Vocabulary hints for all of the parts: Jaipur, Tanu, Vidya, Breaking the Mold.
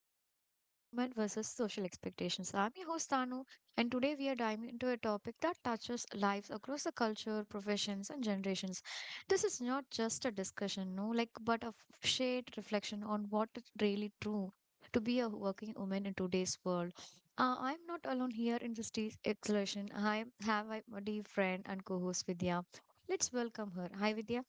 Mold, Working Women versus Social Expectations. I'm your host, Tanu, and today we are diving into a topic that touches lives across the culture, professions, and generations. This is not just a discussion, no, like, but a shared reflection on what is really true to be a working woman in today's world. I'm not alone here in this exploration. I have my dear friend and co host, Vidya. Let's welcome her. Hi, Vidya.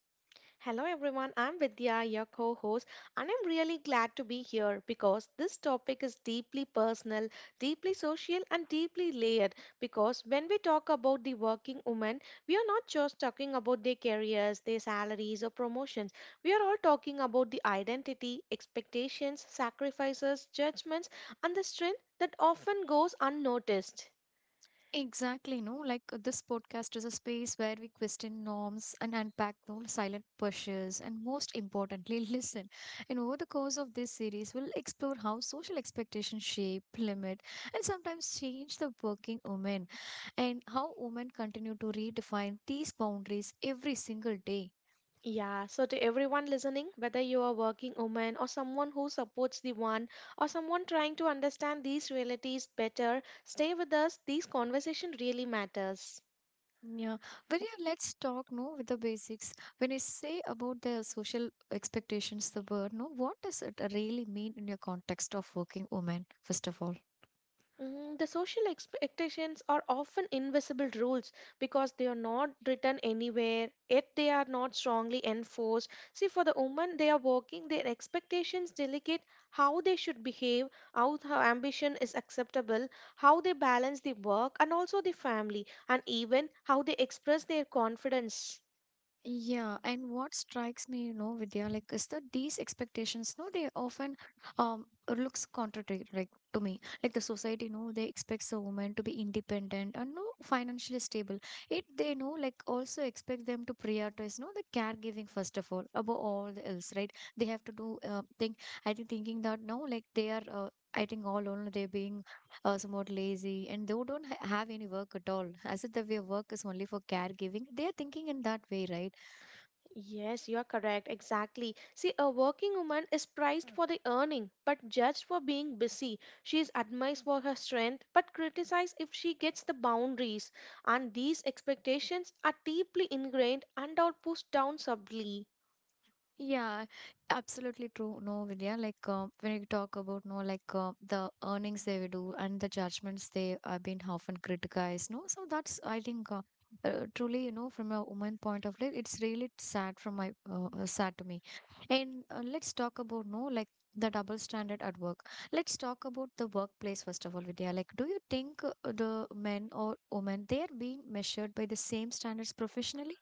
Hello everyone, I'm Vidya, your co host, and I'm really glad to be here because this topic is deeply personal, deeply social, and deeply layered. Because when we talk about the working woman, we are not just talking about their careers, their salaries, or promotions. We are all talking about the identity, expectations, sacrifices, judgments, and the strength that often goes unnoticed. Exactly, no. Like, this podcast is a space where we question norms and unpack those silent pushes, and most importantly, listen. And over the course of this series, we'll explore how social expectations shape, limit, and sometimes change the working woman, and how women continue to redefine these boundaries every single day. Yeah, so to everyone listening, whether you are working woman or someone who supports the one or someone trying to understand these realities better, stay with us. These conversation really matters. Yeah, but yeah, let's talk no with the basics. When you say about the social expectations, the word no, what does it really mean in your context of working woman? First of all, The social expectations are often invisible rules because they are not written anywhere, yet they are not strongly enforced. See, for the woman, they are working, their expectations delegate how they should behave, ambition is acceptable, how they balance the work and also the family, and even how they express their confidence. yeah, and what strikes me, you know, Vidya, like, is that these expectations, no, they often um looks contradictory, like to me. Like the society, no, they expects a woman to be independent and no financially stable. It they know like also expect them to prioritize, no, the caregiving first of all above all the else, right? They have to do think. I think thinking that no, like they are. I think all alone they're being somewhat lazy and they don't have any work at all. As if the way work is only for caregiving, they are thinking in that way, right? Yes, you are correct. Exactly. See, a working woman is prized for the earning, but judged for being busy. She is admired for her strength, but criticized if she gets the boundaries. And these expectations are deeply ingrained and are pushed down subtly. Yeah, absolutely true. No, Vidya, like when you talk about no, like the earnings they will do and the judgments they have been often criticized. No, so that's I think truly, you know, from a woman point of view, it's really sad from my sad to me. And let's talk about no, like the double standard at work. Let's talk about the workplace first of all, Vidya. Like, do you think the men or women they are being measured by the same standards professionally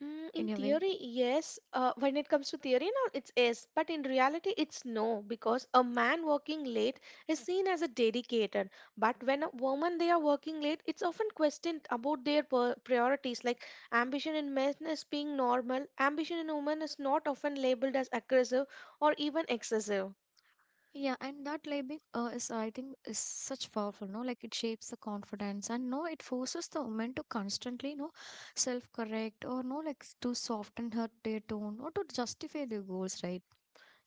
In In your way? theory, yes. When it comes to theory, now it's yes. But in reality, it's no, because a man working late is seen as a dedicated. But when a woman they are working late, it's often questioned about priorities. Like ambition in men is being normal. Ambition in women is not often labeled as aggressive or even excessive. Yeah, and that labeling is, I think, is such powerful, no? Like it shapes the confidence, and no, it forces the woman to constantly, no, self-correct or no, like to soften her their tone or to justify their goals, right?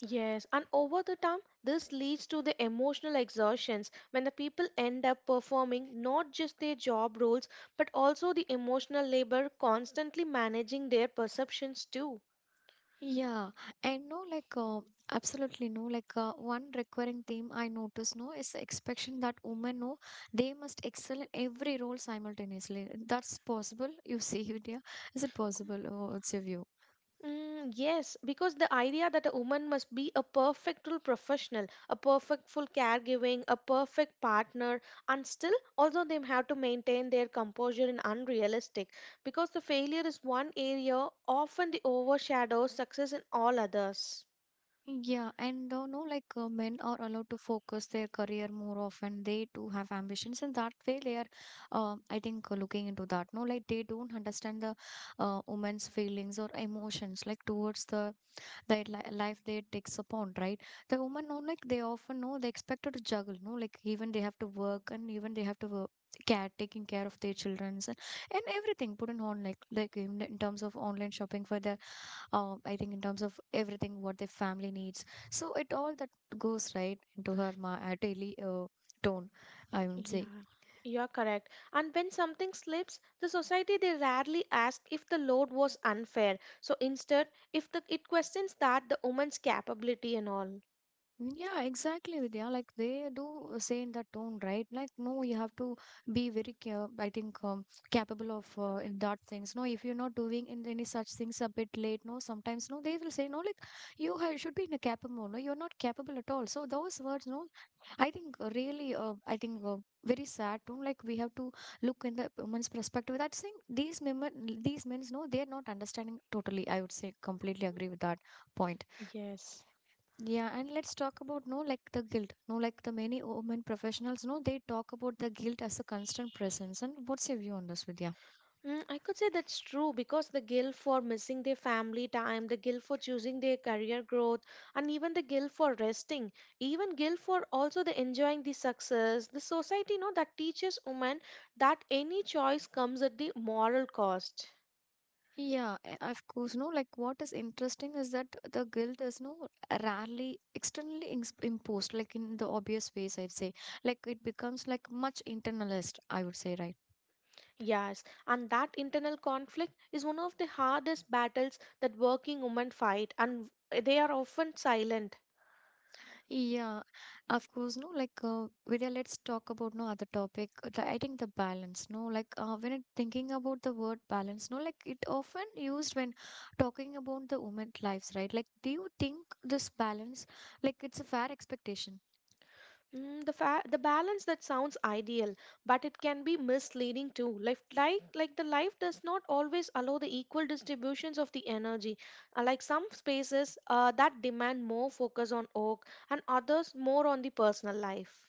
Yes, and over the time, this leads to the emotional exhaustions when the people end up performing not just their job roles but also the emotional labor, constantly managing their perceptions too. Yeah, and no, like absolutely no, like one recurring theme I notice, no, is the expectation that women, no, they must excel in every role simultaneously. That's possible, you see it, yeah? Is it possible? Oh, what's your view? Yes, because the idea that a woman must be a perfect full professional, a perfect full caregiving, a perfect partner, and still also they have to maintain their composure in unrealistic because the failure is one area often the overshadows success in all others. Yeah, and though no, like men are allowed to focus their career more often. They too have ambitions, and that way they are, I think, looking into that. No, like they don't understand the women's feelings or emotions, like towards the their life they takes upon, right? The women know, like they often know they expected to juggle. No, like even they have to work, and even they have to work. Care taking care of their childrens and everything put in on like in terms of online shopping for the I think in terms of everything what their family needs. So it all that goes right into her ma daily tone, I would say. Yeah, you're correct. And when something slips, the society they rarely ask if the load was unfair. So instead, if the it questions that the woman's capability and all. Mm, yeah, exactly, Vidya. Like they do say in that tone, right? Like no, you have to be very, care, I think, capable of in that things. No, if you're not doing in any such things a bit late, no, sometimes no, they will say no, like you ha should be in a capable mode. No, you're not capable at all. So those words, no, I think really, I think very sad too. Like we have to look in the woman's perspective. That's saying these women, these men's, no, they are not understanding totally. I would say completely agree with that point. Yes. Yeah, and let's talk about no, like the guilt. No, like the many women professionals, no, they talk about the guilt as a constant presence. And what's your view on this, Vidya? I could say that's true because the guilt for missing their family time, the guilt for choosing their career growth, and even the guilt for resting, even guilt for also the enjoying the success. The society, you know, that teaches women that any choice comes at the moral cost. Yeah, of course. No, like what is interesting is that the guilt is no rarely externally imposed, like in the obvious ways, I'd say. Like it becomes like much internalized, I would say, right? Yes, and that internal conflict is one of the hardest battles that working women fight, and they are often silent. Yeah, of course. No, like Vidya, let's talk about no other topic. I think the balance. No, like when it, thinking about the word balance, no, like it often used when talking about the women lives, right? Like, do you think this balance, like it's a fair expectation? The balance that sounds ideal, but it can be misleading too. Life, like the life does not always allow the equal distributions of the energy. Like some spaces that demand more focus on work, and others more on the personal life.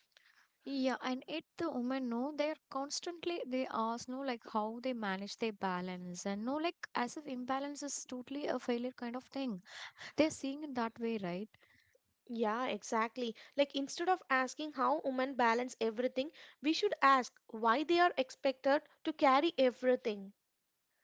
Yeah, and it the women know they are constantly they ask no like how they manage their balance and no like as if imbalance is totally a failure kind of thing. They're seeing it that way, right? Yeah, exactly. Like instead of asking how women balance everything, we should ask why they are expected to carry everything.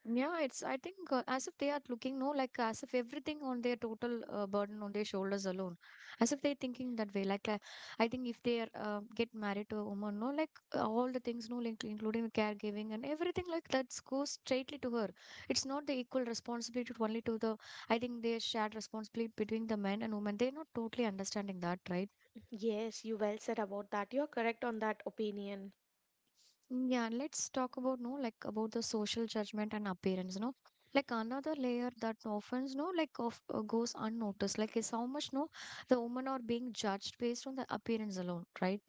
Yeah, it's, I think, as if they are looking, no, like as if everything on their total burden on their shoulders alone. As if they're thinking that way. Like, I think if they are, get married to a woman, no, like all the things, no, like including the caregiving and everything like that goes straightly to her. It's not the equal responsibility to only to the, I think, their shared responsibility between the men and women. They're not totally understanding that, right? Yes, you well said about that. You're correct on that opinion. Yeah, let's talk about no like about the social judgment and appearance, no. Like another layer that often no like of goes unnoticed, like is how much no the women are being judged based on the appearance alone, right?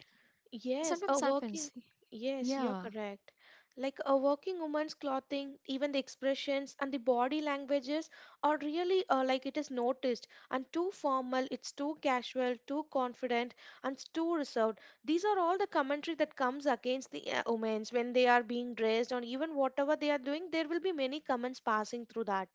Yes, a Sometimes working, happens. yes, you're Yeah. correct. Like a working woman's clothing, even the expressions and the body languages are really like it is noticed and too formal, it's too casual, too confident, and it's too reserved. These are all the commentary that comes against the women's when they are being dressed or even whatever they are doing, there will be many comments passing through that.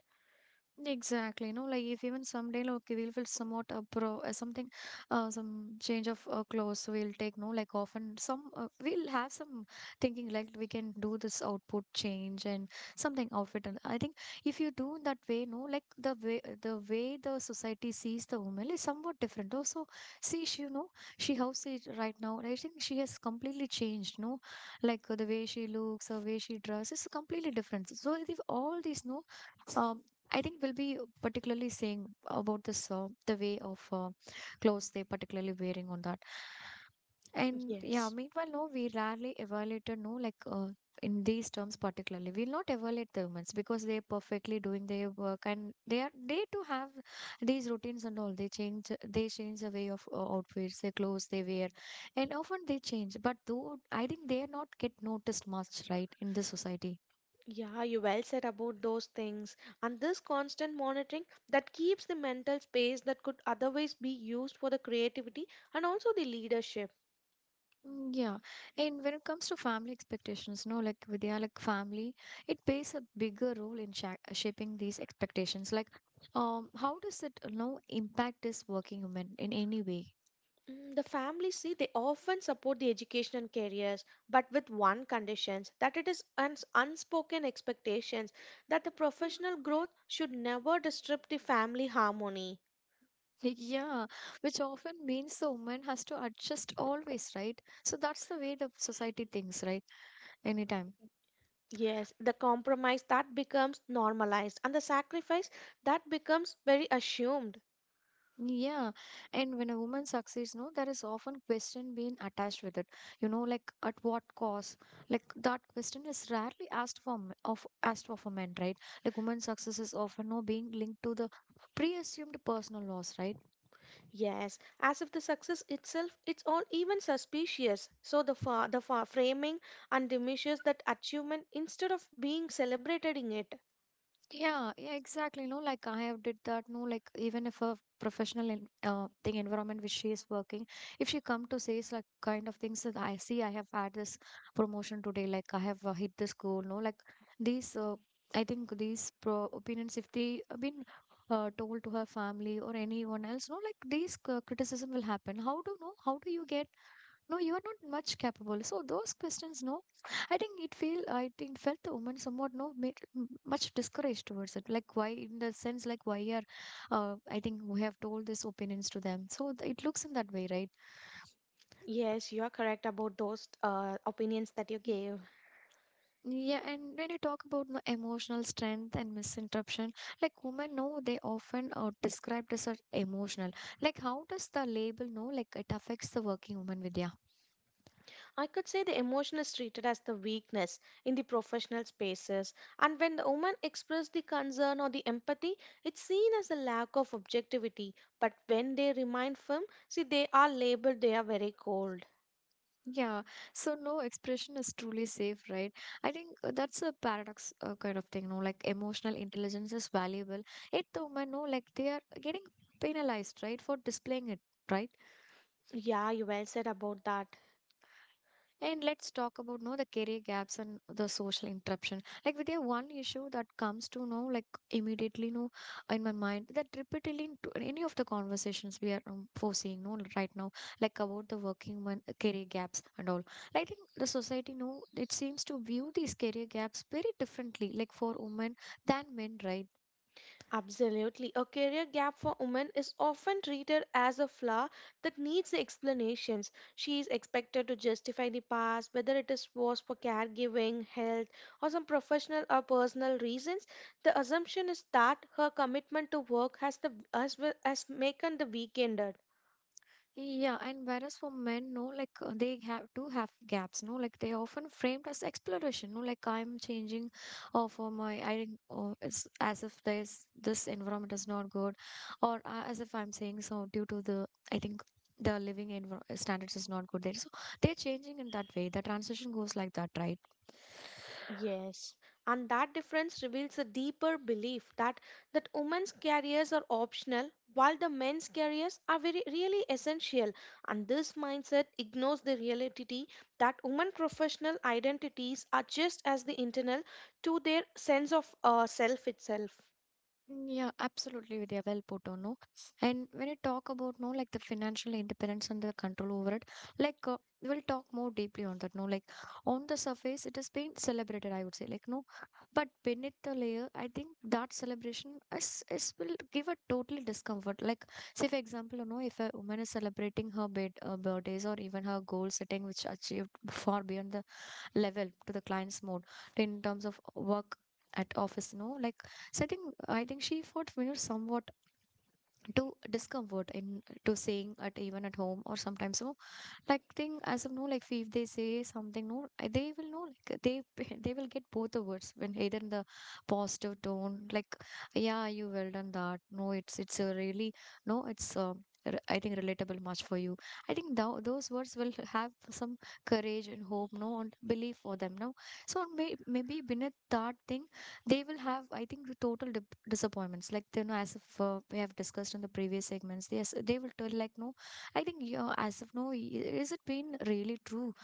Exactly, no, like if even someday, like we'll somewhat pro something, some change of clothes we'll take, no, like often some we'll have some thinking like we can do this output change and something outfit. And I think if you do that way, no, like the way the society sees the woman is somewhat different. Also, see, she, you know, she how she right now, I think she has completely changed, no, like the way she looks, the way she dresses is completely different. So, if all these, no. Um, I think we'll be particularly saying about this the way of clothes they particularly wearing on that. And yeah, Yes. meanwhile, no, we rarely evaluated, no, like in these terms particularly, we'll not evaluate the women's because they're perfectly doing their work and they are they too have these routines and all. They change the way of outfits, their clothes they wear, and often they change. But though I think they are not get noticed much, right, in this society. Yeah, you well said about those things. And this constant monitoring that keeps the mental space that could otherwise be used for the creativity and also the leadership. Mm, yeah, and when it comes to family expectations, no, like with their like family, it plays a bigger role in shaping these expectations. Like, how does it, you know, impact this working woman in any way? The families see they often support the education and careers, but with one conditions that it is unspoken expectations that the professional growth should never disturb the family harmony. Yeah, which often means the woman has to adjust always, right? So that's the way the society thinks, right? Anytime. Yes, the compromise that becomes normalized and the sacrifice that becomes very assumed. Yeah, and when a woman succeeds, no, there is often question being attached with it. You know, like at what cost? Like that question is rarely asked for m- of asked for a man, right? Like women's success is often no being linked to the pre-assumed personal loss, right? Yes, as if the success itself it's all even suspicious. So framing and that achievement instead of being celebrated in it. Yeah, yeah, exactly. No, like I have did that. No, like even if a professional in, thing environment which she is working, if she come to says like kind of things that I see, I have had this promotion today. Like I have hit this goal. No, like these. I think these pro opinions, if they have been told to her family or anyone else, no, like these c criticism will happen. How do no? How do you get? No, you are not much capable, so those questions no I think felt the woman somewhat no made much discouraged towards it, like why in the sense like why are I think we have told these opinions to them, so it looks in that way, right? Yes, you are correct about those opinions that you gave. Mm, yeah, and when you talk about no emotional strength and misinterruption, like women know they often are described as a emotional, like how does the label know like it affects the working woman with. I could say the emotion is treated as the weakness in the professional spaces, and when the woman express the concern or the empathy, it's seen as a lack of objectivity. But when they remain firm, see they are labeled they are very cold. Yeah, so no expression is truly safe, right? I think that's a paradox kind of thing, no? Like emotional intelligence is valuable, it though, man, no, like they are getting penalized, right, for displaying it, right? Yeah, you well said about that. And let's talk about no the career gaps and the social interruption. Like with the one issue that comes to know like immediately no in my mind that repeatedly in any of the conversations we are foreseeing no right now like about the working woman career gaps and all. I think the society no it seems to view these career gaps very differently like for women than men, right? Absolutely. A career gap for women is often treated as a flaw that needs explanations. She is expected to justify the past, whether it is was for caregiving, health, or some professional or personal reasons. The assumption is that her commitment to work has the as well as making the weekender. Yeah, and whereas for men, no, like they have to have gaps, no, like they are often framed as exploration, no, like I'm changing, or for my I didn't, or it's as if there's this environment is not good, or as if I'm saying so due to the I think the standards is not good there, so they're changing in that way. The transition goes like that, right? Yes, and that difference reveals a deeper belief that women's careers are optional while the men's careers are very really essential and this mindset ignores the reality that women professional identities are just as the internal to their sense of self itself. Yeah, absolutely, Vidya. Well put on, no? And when you talk about, no, like the financial independence and the control over it, like we'll talk more deeply on that, no? Like on the surface, it has been celebrated, I would say, like, no. But beneath the layer, I think that celebration is will give a total discomfort. Like, say, for example, you know, if a woman is celebrating her birthdays or even her goal setting, which achieved far beyond the level to the client's mode in terms of work at office, no, like setting, I think she fought, you know, somewhat to discomfort in to saying at even at home or sometimes. So like thing, as of now, like if they say something, no, they will know like they they will get both the words when either in the positive tone, like yeah, you well done that, no, it's a really, no, it's I think relatable much for you. I think thou those words will have some courage and hope, no, and belief for them. No, so maybe beneath that thing, they will have, I think, the total disappointments. Like, you know, as if we have discussed in the previous segments, yes, they will tell like no, I think yeah, as of now, is it been really true,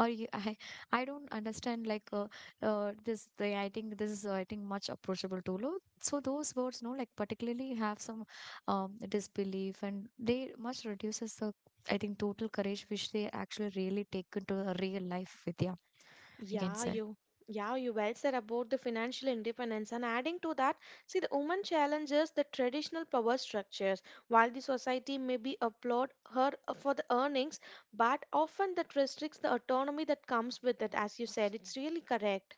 or you, I don't understand like this the I think this is I think much approachable to low. So those words, no, like particularly have some disbelief, and they much reduces the I think total courage which they actually really take into a real life with yeah, I can Yeah, say. you yeah, you well said about the financial independence. And adding to that, see the woman challenges the traditional power structures. While the society may be applaud her for the earnings, but often that restricts the autonomy that comes with it, as you said. It's really correct.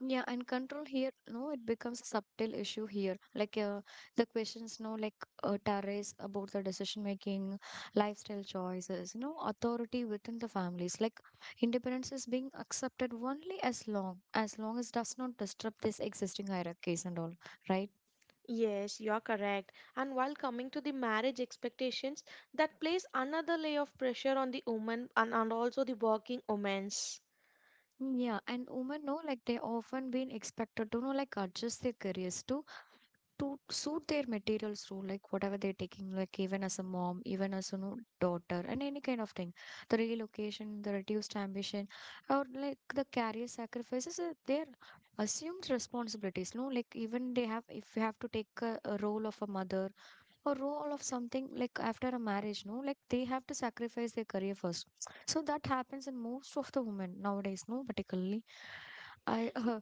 Yeah, and control here, no, it becomes a subtle issue here. Like the questions, no, like Tares about the decision making, lifestyle choices, you know, authority within the families. Like independence is being accepted only as long as long as does not disrupt these existing hierarchies and all, right? Yes, you are correct. And while coming to the marriage expectations, that place another layer of pressure on the woman and also the working women's. Mm, yeah, and women know like they often been expected to know like adjust their careers to suit their materials role, like whatever they're taking, like even as a mom, even as a no, daughter, and any kind of thing. The relocation, the reduced ambition, or like the career sacrifices, they're assumed responsibilities. No, like even they have, if you have to take a role of a mother, a role of something like after a marriage, no, like they have to sacrifice their career first, so that happens in most of the women nowadays, no, particularly. I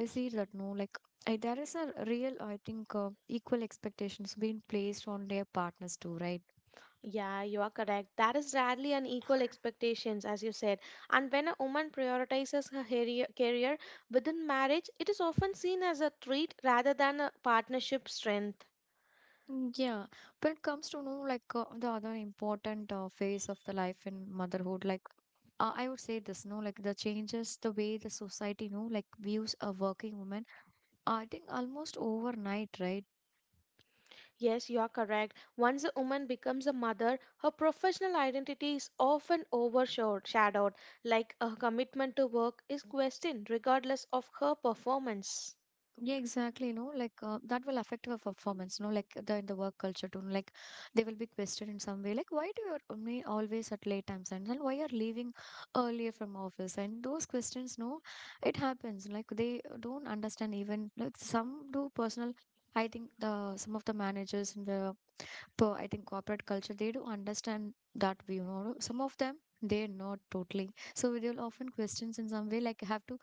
I see that, no, like there is a real I think equal expectations being placed on their partners too, right? Yeah, you are correct. That is rarely an equal expectations, as you said. And when a woman prioritizes career within marriage, it is often seen as a treat rather than a partnership strength. Mm, yeah, when it comes to no like the other important phase of the life in motherhood, like I would say this, no, like the changes the way the society, you know, like views a working woman I think almost overnight, right? Yes, you are correct. Once a woman becomes a mother, her professional identity is often overshadowed, like her commitment to work is questioned regardless of her performance. Yeah, exactly. No, like that will affect her performance. No, like the in the work culture too. Like they will be questioned in some way. Like why do you only always at late times and then why you're leaving earlier from office? And those questions, no, it happens. Like they don't understand even. Like some do personal. I think the some of the managers in the I think corporate culture they do understand that view. No, some of them they're not totally. So they'll often questions in some way. Like have to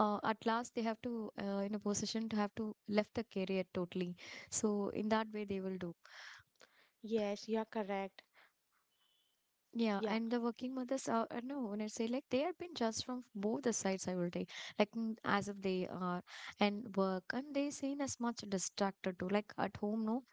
at last they have to in a position to have to left the career totally, so in that way they will do. Yes, you are correct. Yeah, Yeah. and the working mothers are, no, when I say like they have been judged from both the sides, I will say like mm, as if they are and work and they seen as much distracted too. Like at home, no,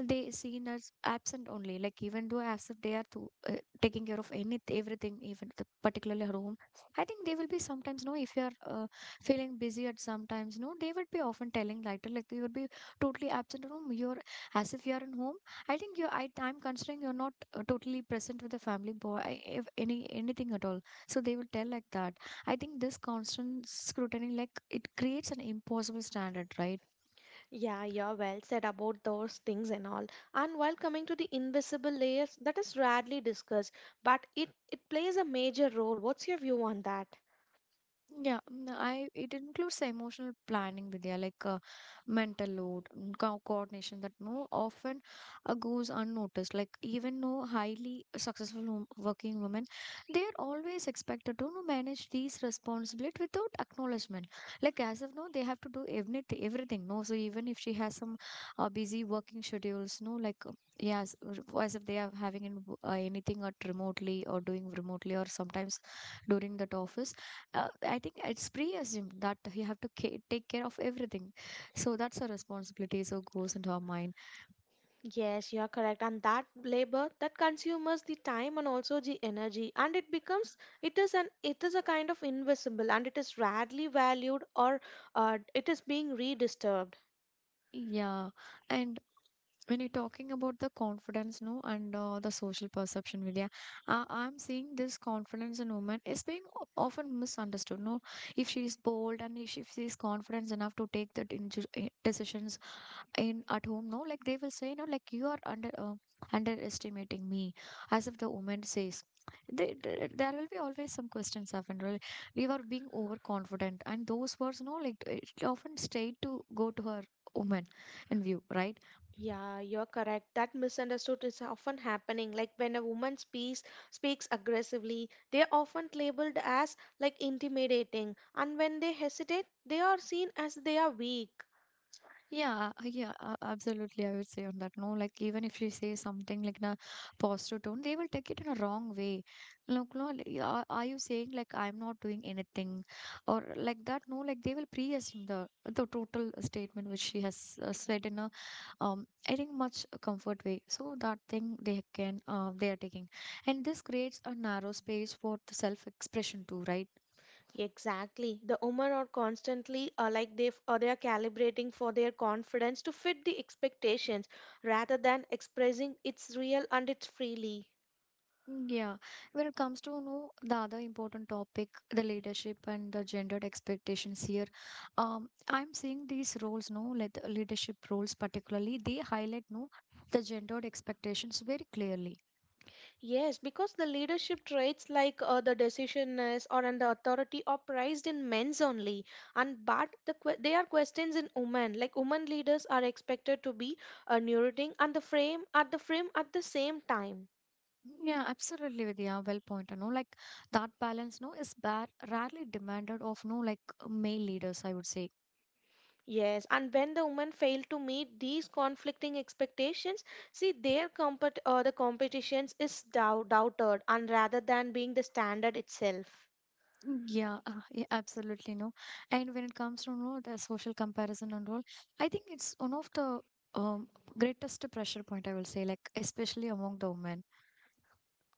they seen as absent only. Like even though as if they are to, taking care of any everything, even the, particularly at home. I think they will be sometimes no. If you are feeling busy at sometimes no, they would be often telling later like you would be totally absent at home. You're as if you are in home. I think you I I'm considering you're not totally present with the family boy if any anything at all, so they will tell like that. I think this constant scrutiny like it creates an impossible standard, right? Yeah, you're well said about those things and all. And while coming to the invisible layers, that is rarely discussed, but it plays a major role. What's your view on that? Yeah, mm, I it includes emotional planning, Vidya, like mental load, mm, co coordination that no often goes unnoticed. Like even no highly successful working women, they are always expected to no, manage these responsibilities without acknowledgement. Like as of now, they have to do everything, everything. No, so even if she has some busy working schedules, no, like yes, as if they are having an, anything at remotely or doing remotely or sometimes during that office I think it's pre-assumed that you have to take care of everything. So that's a responsibility. So goes into our mind. Yes, you're correct. And that labor that consumes the time and also the energy, and it becomes it is an it is a kind of invisible, and it is rarely valued or it is being redisturbed. Yeah. And when you're talking about the confidence, no, and the social perception, Vidya, I'm seeing this confidence in women is being often misunderstood. No, if she is bold and if she is confident enough to take that decisions in at home, no, like they will say no like you are under underestimating me as if the woman says they, there will be always some questions often really we were being overconfident and those words, no, like it often stayed to go to her woman in view, right? Yeah, you're correct. That misunderstood is often happening. Like when a woman speaks aggressively, they are often labeled as like intimidating, and when they hesitate, they are seen as they are weak. Yeah, absolutely. I would say on that. No, like even if you say something like in a positive tone, they will take it in a wrong way. Like, no, like, are you saying like I'm not doing anything or like that? No, like they will pre-assume the total statement which she has said in a I think much comfort way. So that thing they can they are taking, and this creates a narrow space for the self-expression too, right? Exactly. The women are constantly they are calibrating for their confidence to fit the expectations rather than expressing its real and its freely. Yeah, when it comes to know the other important topic, the leadership and the gendered expectations here, I'm seeing these roles, no, like the leadership roles particularly, they highlight no the gendered expectations very clearly. Yes, because the leadership traits like the decisionness or and the authority are prized in men's only, and but they are questions in women. Like women leaders are expected to be neurotic and the frame at the same time. Yeah, absolutely, Vidya, well pointed. No, like that balance, no, is bar rarely demanded of no like male leaders, I would say. Yes, and when the women fail to meet these conflicting expectations, see the competitions is doubted, and rather than being the standard itself. Mm, yeah, absolutely, no. And when it comes to, you know, the social comparison and all, I think it's one of the um, greatest pressure point I will say, like especially among the women.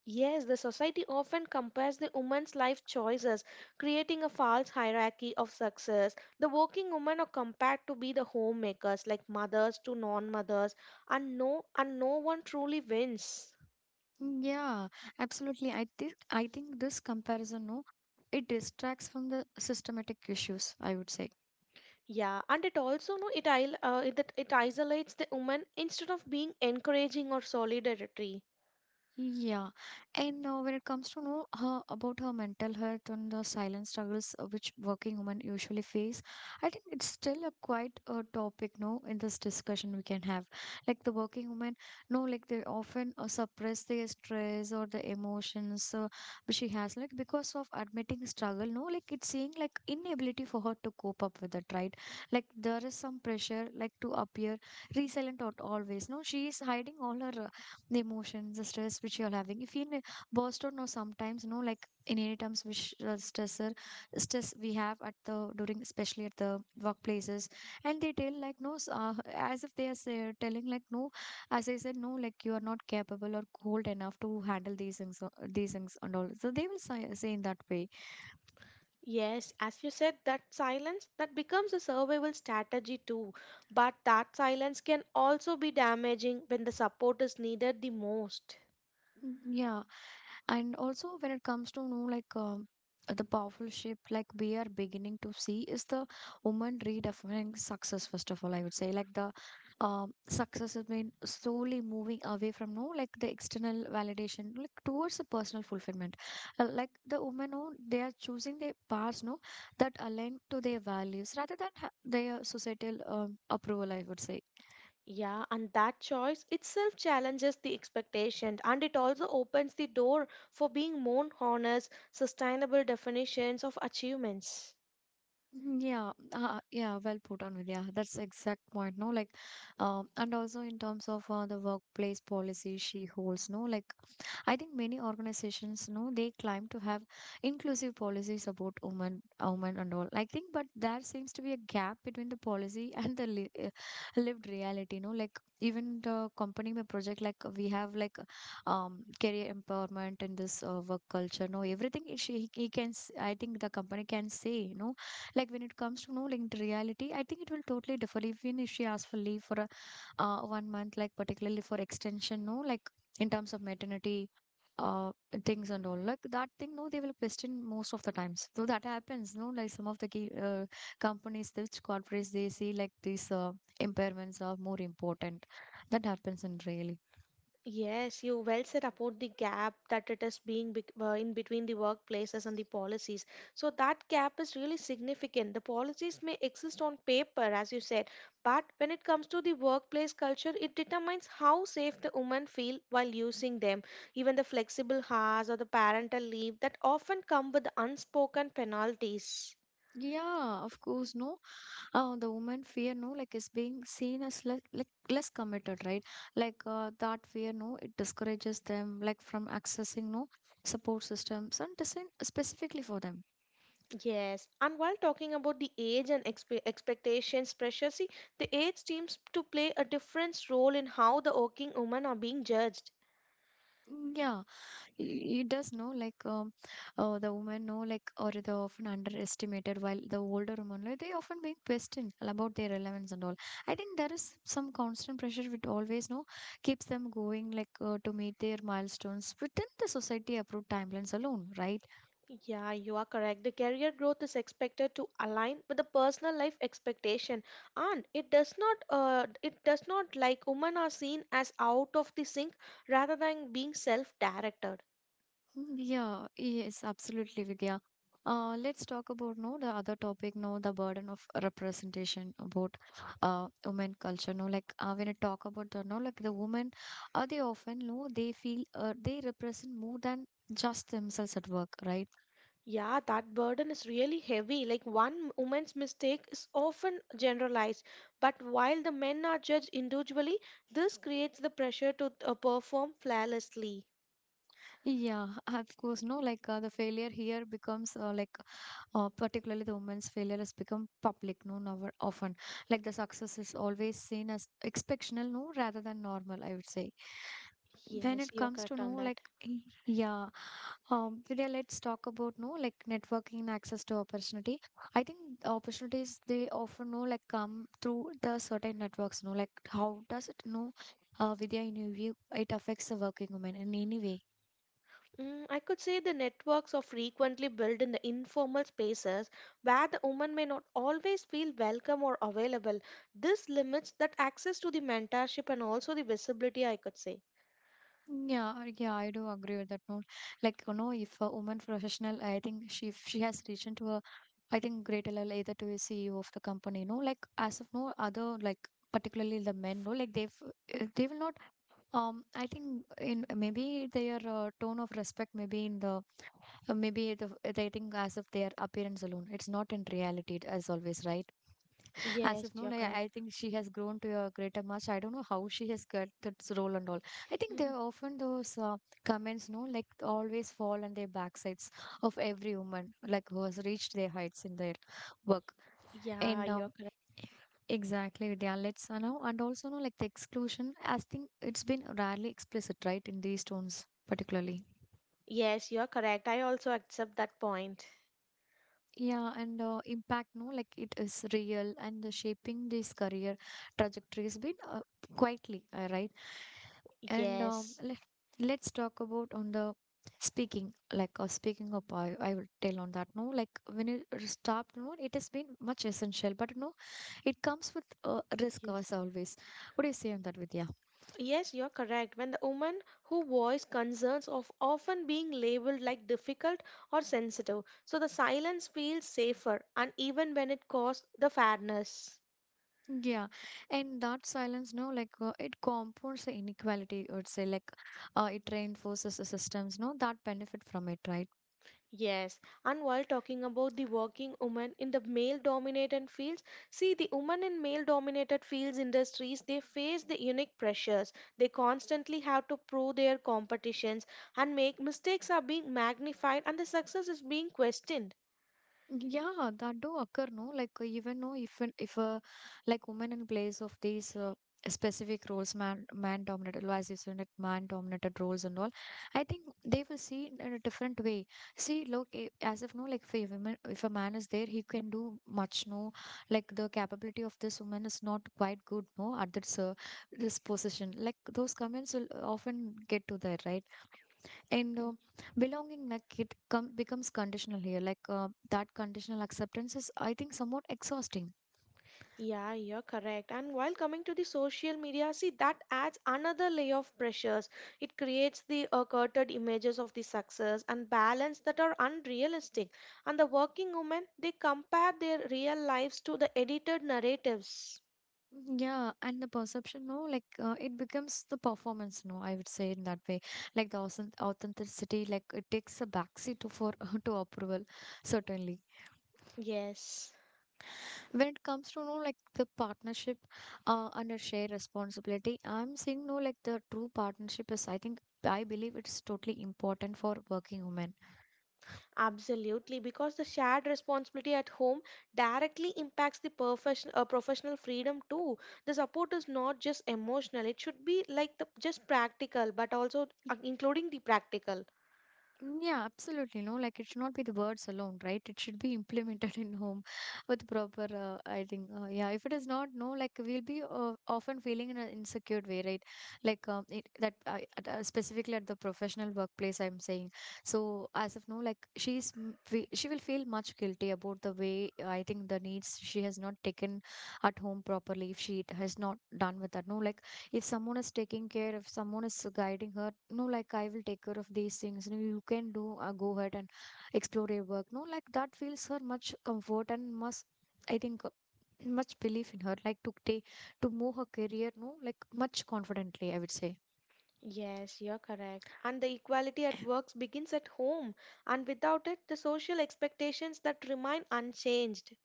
Yes, the society often compares the woman's life choices, creating a false hierarchy of success. The working women are compared to be the homemakers, like mothers to non-mothers, and no one truly wins. Mm, yeah, absolutely. I think this comparison, no, it distracts from the systematic issues. I would say Yeah, and it also no, it it isolates the woman instead of being encouraging or solidarity. yeah, and when it comes to know her about her mental health and the silent struggles which working women usually face, I think it's still a quite a topic, no, in this discussion we can have. Like the working women, no, like they often suppress their stress or the emotions which she has, like because of admitting struggle, no, like it's seeing like inability for her to cope up with it, right? Like there is some pressure, like to appear resilient or always, no, she is hiding all her the emotions, the stress which you're having. If you feel burst out, no, sometimes, no, like in any terms, which stressor, stress we have at the during, especially at the workplaces, and they tell like no, as if they are say, telling like no, as I said, no, like you are not capable or cold enough to handle these things and all. So they will say in that way. Yes, as you said, that silence that becomes a survival strategy too. But that silence can also be damaging when the support is needed the most. Mm, yeah, and also, when it comes to know like the powerful shift, like we are beginning to see, is the woman redefining success. First of all, I would say like the success has been slowly moving away from no like the external validation, like towards the personal fulfillment. Like the women, no, they are choosing their paths, no, that align to their values rather than their societal approval, I would say. Yeah, and that choice itself challenges the expectation and it also opens the door for being more honest, sustainable definitions of achievements. Mm, yeah, yeah, well put on with yeah, that's exact point. No, like, and also in terms of the workplace policy she holds, no, like, I think many organizations, no, they claim to have inclusive policies about women and all. I think, but there seems to be a gap between the policy and the li lived reality, no, like even the company, my project, like we have like career empowerment in this work culture, no, everything she he can, I think the company can say, no, like when it comes to no linked reality, I think it will totally differ. Like, even if she asks for leave for a 1 month, like particularly for extension, no, like in terms of maternity uh things and all, like that thing, no, they will question most of the times, so that happens, no, like some of the key companies which corporates, they see like these impairments are more important, that happens in really. Yes, you well said about the gap that it is being in between the workplaces and the policies. So that gap is really significant. The policies may exist on paper, as you said, but when it comes to the workplace culture, it determines how safe the women feel while using them. Even the flexible hours or the parental leave that often come with unspoken penalties. Yeah, of course, no, the woman fear, no, like is being seen as less, like less committed, right? Like that fear, no, it discourages them like from accessing no support systems and designed specifically for them. Yes, and while talking about the age and expectations pressure, see, the age seems to play a different role in how the working women are being judged. Mm, yeah, It does know like the women know, like, or they often underestimated, while the older woman, like, they often being questioned about their relevance and all. I think there is some constant pressure which always no keeps them going, like to meet their milestones within the society approved timelines alone, right? Yeah, you are correct. The career growth is expected to align with the personal life expectation, and it does not. It does not like women are seen as out of the sync rather than being self-directed. Mm, yeah, yes, absolutely, Vidya. Let's talk about no the other topic, no the burden of representation about women culture. No, like when I talk about the no like the women, they often no they feel they represent more than just themselves at work, right? Yeah, that burden is really heavy. Like one woman's mistake is often generalized, but while the men are judged individually, this creates the pressure to perform flawlessly. Yeah, of course. No, like the failure here becomes like particularly the woman's failure has become public, no, now often like the success is always seen as exceptional, no, rather than normal, I would say. When Yes, it you're comes to correct no on that. like y- yeah, Vidya, let's talk about no like networking and access to opportunity. I think opportunities they often no like come through the certain networks, no, like how does it, no? Vidya, in your view it affects the working women in any way. I could say the networks are frequently built in the informal spaces where the woman may not always feel welcome or available. This limits that access to the mentorship and also the visibility, I could say. Yeah, yeah, I do agree with that note. Like, if a woman professional, I think she if she has reached into a, I think, great level, either to a CEO of the company, like as of no other, like particularly the men, no, like they will not. I think in maybe their tone of respect, maybe in the maybe they think as of their appearance alone, it's not in reality as always, right? As Yes, if no, you're like, I correct. I think she has grown to a greater much. I don't know how she has got that role and all. I think there are often those comments, no, like always fall on their backsides of every woman, like who has reached their heights in their work. Yeah, And you're correct. exactly, Vidya. Let's now and also know like the exclusion. I think it's been rarely explicit, right, in these tones particularly. Yes, you're correct. I also accept that point. Yeah, and impact, no, like it is real and the shaping this career trajectory has been quietly, right? And Yes, let's talk about on the speaking, like speaking up, I will tell on that, no, like when it stopped, no, it has been much essential, but no, it comes with risk as yes. always. What do you say on that, Vidya? Yes, you're correct. When the woman who voice concerns of often being labeled like difficult or sensitive, so the silence feels safer, and even when it costs the fairness. Yeah, and that silence, no, like it compounds the inequality, I would say, like it reinforces the systems, no, that benefit from it, right? Yes, and while talking about the working women in the male-dominated fields, see the women in male-dominated fields industries, they face the unique pressures. They constantly have to prove their competitions and make mistakes are being magnified and the success is being questioned. Yeah, that do occur, no? Like even no, if a like woman in place of these specific roles, man dominated, well, as you said, it man dominated roles and all, I think they will see it in a different way. See, look, as if no, like if a woman, if a man is there, he can do much. No, like the capability of this woman is not quite good. No, at this position, like those comments will often get to there, right? And belonging, like it becomes conditional here. Like that conditional acceptance is, I think, somewhat exhausting. Yeah, you're correct. And while coming to the social media, see that adds another layer of pressures. It creates the curated images of the success and balance that are unrealistic. And the working women, they compare their real lives to the edited narratives. Yeah, and the perception, no, like it becomes the performance, no, I would say in that way. Like the authenticity, like it takes a backseat to for to approval, certainly. Yes, When it comes to no, like the partnership, under shared responsibility, I'm saying no, like the true partnership is, I think, I believe it's totally important for working women. absolutely. Because the shared responsibility at home directly impacts the profession, professional freedom too. The support is not just emotional; it should be like the just practical, but also including the practical. Mm, yeah, absolutely. No, like it should not be the words alone, right? It should be implemented in home with proper, I think, yeah. If it is not, no, like we'll be often feeling in an insecure way, right? Like specifically at the professional workplace, I'm saying. So as of now, like she will feel much guilty about the way, I think, the needs she has not taken at home properly if she has not done with that. No, like if someone is taking care, if someone is guiding her, no, like I will take care of these things, you can do, go ahead and explore your work, no, like that feels her much comfort and must, I think, much belief in her, like to take to move her career, no, like much confidently, I would say. Yes, you're correct. And the equality at work begins at home, and without it, the social expectations that remain unchanged.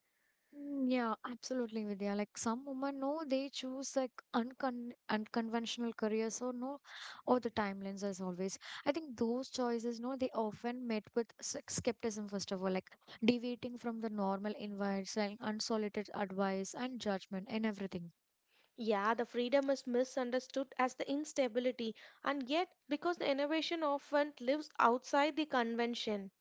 Mm, yeah, absolutely, Vidya. Like some women, no, they choose like unconventional careers. So, no, or the timelines as always. I think those choices, no, they often met with skepticism first of all, like deviating from the normal invites, like unsolicited advice and judgment and everything. Yeah, the freedom is misunderstood as the instability, and yet, because the innovation often lives outside the convention.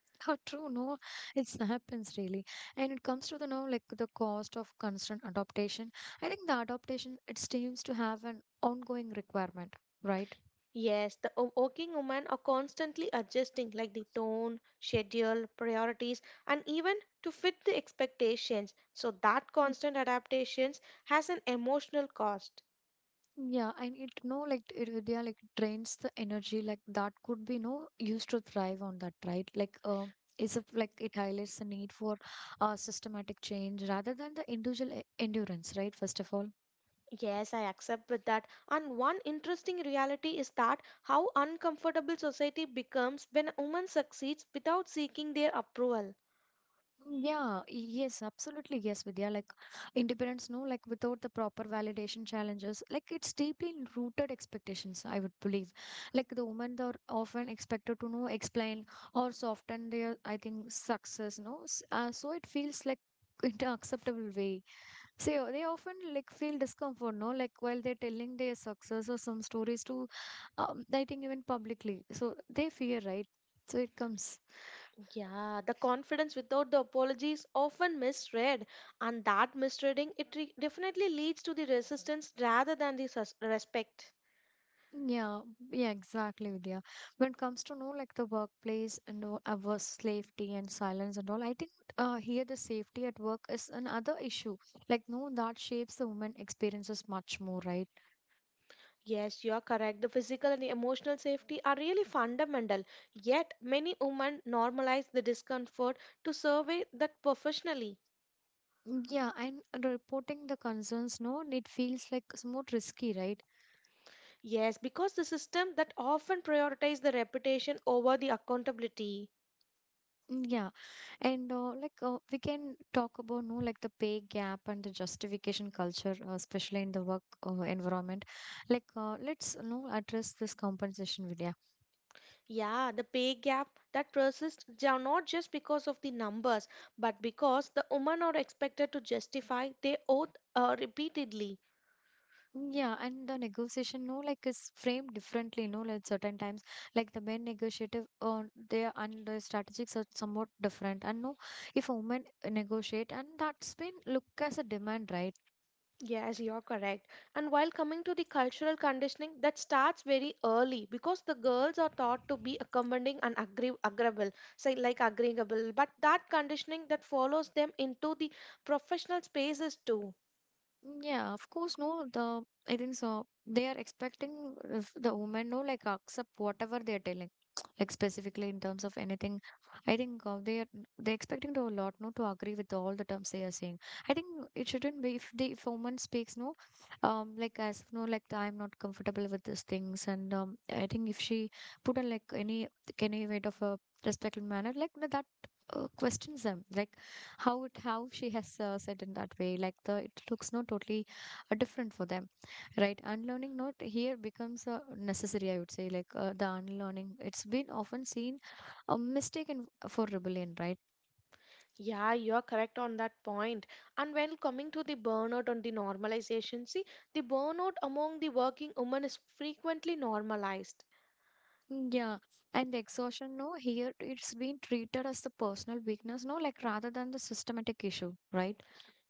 How true, no, it happens really. And it comes to the no, like the cost of constant adaptation. I think the adaptation it seems to have an ongoing requirement, right? Yes, the working women are constantly adjusting, like the tone, schedule, priorities, and even to fit the expectations. So, that constant adaptations has an emotional cost. Yeah, and it no like it they are like drains the energy, like that could be no used to thrive on that, right? Like like it highlights the need for systematic change rather than the individual endurance, right? First of all. Yes, I accept with that. And one interesting reality is that how uncomfortable society becomes when a woman succeeds without seeking their approval. Mm, yeah, yes, absolutely. Yes, Vidya. Like independence, no, like without the proper validation challenges, like it's deeply rooted expectations, I would believe. Like the women are often expected to know, explain, or soften their, I think, success, no? So it feels like in an acceptable way. So they often like feel discomfort, no? Like while they're telling their success or some stories to, I think, even publicly. So they fear, right? So it comes. Yeah, the confidence without the apology is often misread, and that misreading it definitely leads to the resistance rather than the respect. Yeah, yeah, exactly, Vidya. When it comes to know like the workplace and all our safety and silence and all, I think here the safety at work is another issue. Like no, that shapes the woman experiences much more, right? Yes, you are correct. The physical and the emotional safety are really fundamental. Yet, many women normalize the discomfort to survey that professionally. Mm, yeah, and reporting the concerns, no, it feels like it's more risky, right? Yes, because the system that often prioritizes the reputation over the accountability. Mm, yeah, and like we can talk about no, like the pay gap and the justification culture, especially in the work environment. Like let's no address this compensation, Vidya. Yeah, the pay gap that persists not just because of the numbers, but because the women are expected to justify their oath repeatedly. Yeah, and the negotiation, no, like is framed differently, no, like certain times, like the men negotiative, they are and the strategies are somewhat different, and no, if women negotiate, and that's been looked as a demand, right? Yes, you're correct. And while coming to the cultural conditioning, that starts very early because the girls are taught to be accommodating and agreeable, say like agreeable. But that conditioning that follows them into the professional spaces too. Yeah, of course, no, the I think so. They are expecting if the women no like accept whatever they are telling, like specifically in terms of anything. I think they expecting to a lot no to agree with all the terms they are saying. I think it shouldn't be. If a woman speaks, no, like, as if, no, like I am not comfortable with these things, and I think if she put on like any weight of a respectful manner, like, no, that questions them, like how she has said in that way. Like the, it looks not totally different for them, right? Unlearning not here becomes necessary, I would say. Like the unlearning, it's been often seen a mistaken for rebellion, right? Yeah, you're correct on that point. And when coming to the burnout on the normalization, see, the burnout among the working women is frequently normalized. Mm, yeah. And the exhaustion, no, here it's been treated as the personal weakness, no, like, rather than the systematic issue, right?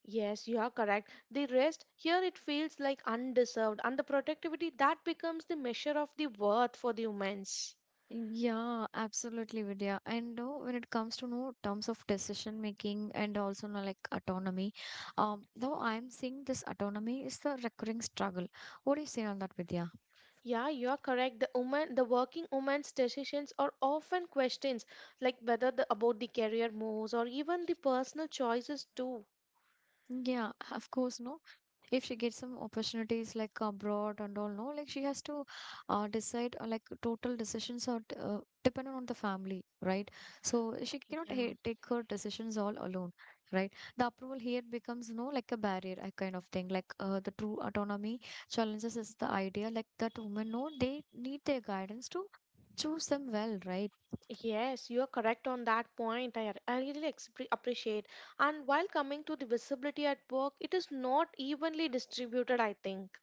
Yes, you are correct. The rest here it feels like undeserved, and the productivity that becomes the measure of the worth for the women's. Yeah, absolutely, Vidya. And when it comes to, no, terms of decision making and also, no, like autonomy, though I'm seeing this autonomy is the recurring struggle. What do you say on that, Vidya? Yeah, you are correct. The woman, the working woman's decisions are often questions, like whether the about the career moves or even the personal choices too. Yeah, of course, no. If she gets some opportunities like abroad and all, no, like she has to decide, like total decisions are dependent on the family, right? So she cannot ha Yeah. take her decisions all alone, right? The approval here becomes, no, like a barrier, a kind of thing. Like the true autonomy challenges is the idea, like, that women, no, they need their guidance to choose them well, right? Yes, you are correct on that point. I really appreciate. And while coming to the visibility at work, it is not evenly distributed, I think.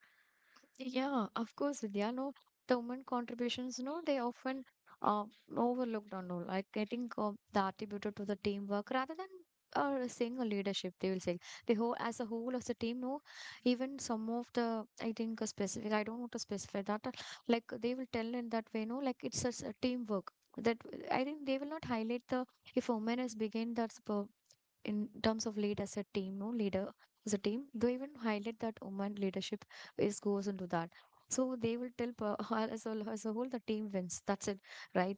Yeah, of course, Vidya. No, the women contributions, no, they often uh, overlooked on all. Like I think the attributed to the teamwork rather than saying a leadership. They will say the whole as a team. No, even some of the, I think, a specific. I don't want to specify that. Like they will tell in that way. No, like it's just a teamwork. That I think they will not highlight the, if a woman has begun, that's in terms of lead as a team, no, leader as a team. They even highlight that woman leadership is goes into that. So they will tell as a whole, the team wins. That's it, right?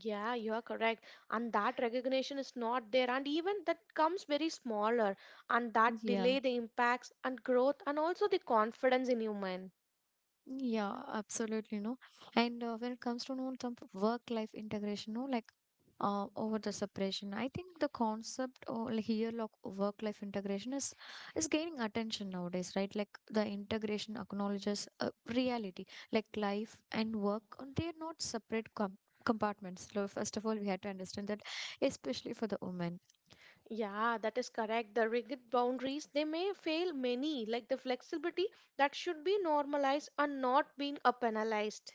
Yeah, you are correct. And that recognition is not there. And even that comes very smaller. And that Yeah. delay the impacts and growth and also the confidence in human. Yeah, absolutely, no. And when it comes to, no, some work-life integration, no, like over the separation, I think the concept or, like, here, like work-life integration is gaining attention nowadays, right? Like the integration acknowledges reality, like life and work, they are not separate compartments. So first of all, we had to understand that, especially for the women. Yeah, that is correct. The rigid boundaries, they may fail many, like the flexibility that should be normalized and not being penalized.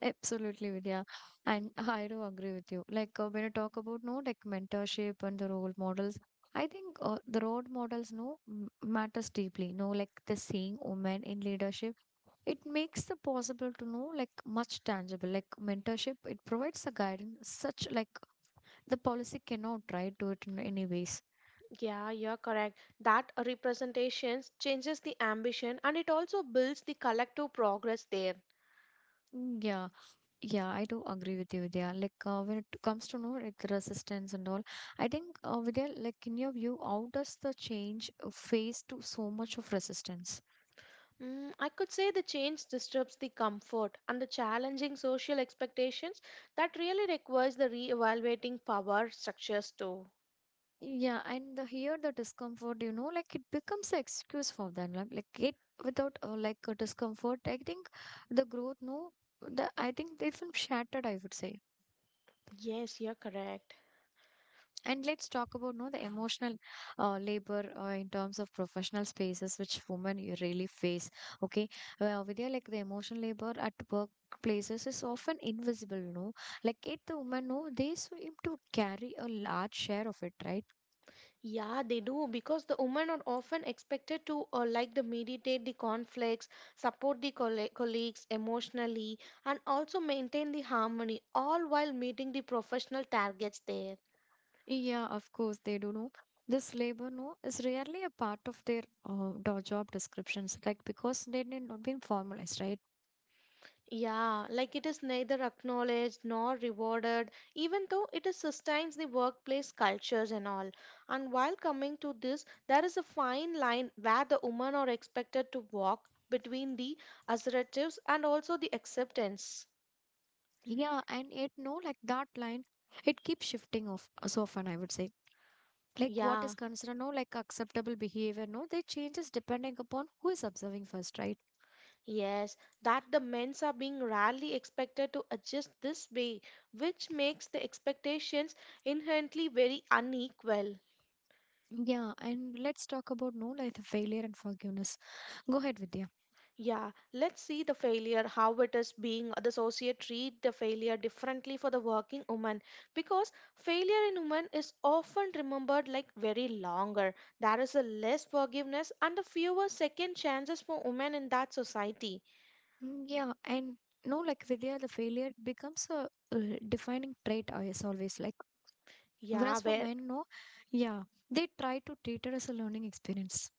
Absolutely, Vidya. And I do agree with you. Like when you talk about, no, like mentorship and the role models, I think the role models, no, matters deeply. No, like the seeing women in leadership, it makes the possible to know, like, much tangible. Like mentorship, it provides a guidance such, like the policy cannot try to it in any ways. Yeah, you're correct. That representation changes the ambition and it also builds the collective progress there. Mm, yeah. Yeah, I do agree with you, Vidya. Like when it comes to know, like resistance and all, I think Vidya, like in your view, how does the change face to so much of resistance? Mm, I could say the change disrupts the comfort and the challenging social expectations that really requires the re-evaluating power structures too. Yeah, and the here the discomfort, like it becomes an excuse for them. Like it, without like a discomfort, I think the growth, no, the, I think they feel shattered, I would say. Yes, you're correct. And let's talk about, no, the emotional labor in terms of professional spaces which women you really face. Okay, well, Vidya, like the emotional labor at workplaces is often invisible. No, like it, the women, no, they seem to carry a large share of it, right? Yeah, they do because the women are often expected to like the mediate the conflicts, support the colleagues emotionally, and also maintain the harmony, all while meeting the professional targets there. Yeah, of course they do know. This labor, no, is rarely a part of their job descriptions, like because they did not been formalized, right? Yeah, like it is neither acknowledged nor rewarded, even though it is sustains the workplace cultures and all. And while coming to this, there is a fine line where the women are expected to walk between the assertives and also the acceptance. Yeah, and it, no, like that line, it keeps shifting off so often, I would say. Like what is Yeah. considered, no, like acceptable behavior, no, they changes depending upon who is observing first, right? Yes, that the men's are being rarely expected to adjust this way, which makes the expectations inherently very unequal. Yeah, and let's talk about, no, like the failure and forgiveness. Go ahead, Vidya. Yeah, let's see the failure, how it is being the society treat the failure differently for the working woman because failure in women is often remembered like very longer. There is a less forgiveness and a fewer second chances for women in that society. Mm, yeah. And, no, like, Vidya, the failure becomes a defining trait as always, like, Yeah, whereas for where men, no, yeah, they try to treat it as a learning experience.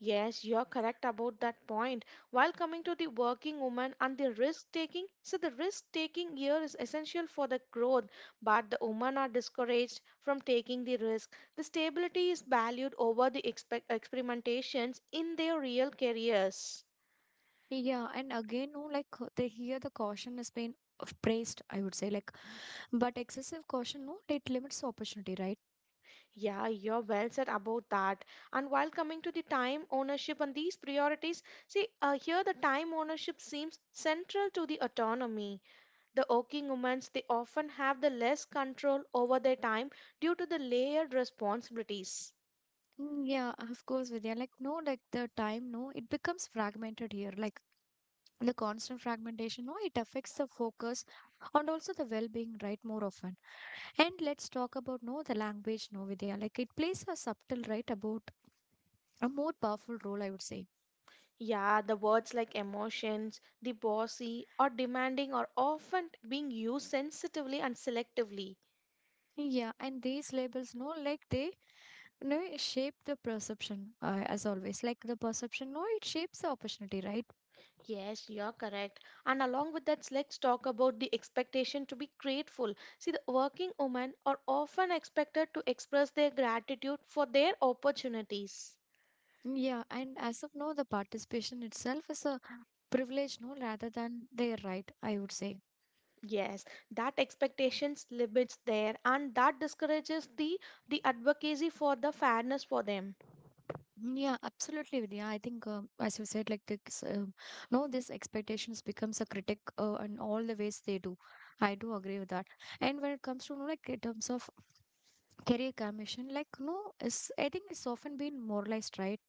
Yes, you're correct about that point. While coming to the working woman and the risk taking, so the risk taking here is essential for the growth, but the women are discouraged from taking the risk. The stability is valued over the experimentations in their real careers. Yeah, and again, no, like they hear the caution has been praised, I would say. Like, but excessive caution, no, it limits opportunity, right? Yeah, you're well said about that. And while coming to the time ownership and these priorities, see, here the time ownership seems central to the autonomy. The working women they often have the less control over their time due to the layered responsibilities. Mm, yeah, of course, Vidya. Like, no, like the time, no, it becomes fragmented here. Like the constant fragmentation, no, it affects the focus and also the well-being, right, more often. And let's talk about, no, the language, no, Vidya. Like it plays a subtle, right, about a more powerful role, I would say. Yeah, the words like emotions, the bossy or demanding are often being used sensitively and selectively. Yeah, and these labels, no, like they, no, shape the perception, as always. Like the perception, no, it shapes the opportunity, right? Yes, you're correct. And along with that, let's talk about the expectation to be grateful. See, the working women are often expected to express their gratitude for their opportunities. Yeah, and as of now, the participation itself is a privilege, no, rather than their right, I would say. Yes, that expectations limits there and that discourages the advocacy for the fairness for them. Mm, yeah, absolutely, Vidya. I think, as you said, like this, no, this expectations becomes a critic, and all the ways they do. I do agree with that. And when it comes to, no, like in terms of career commission, like, no, it's, I think it's often been moralized, right?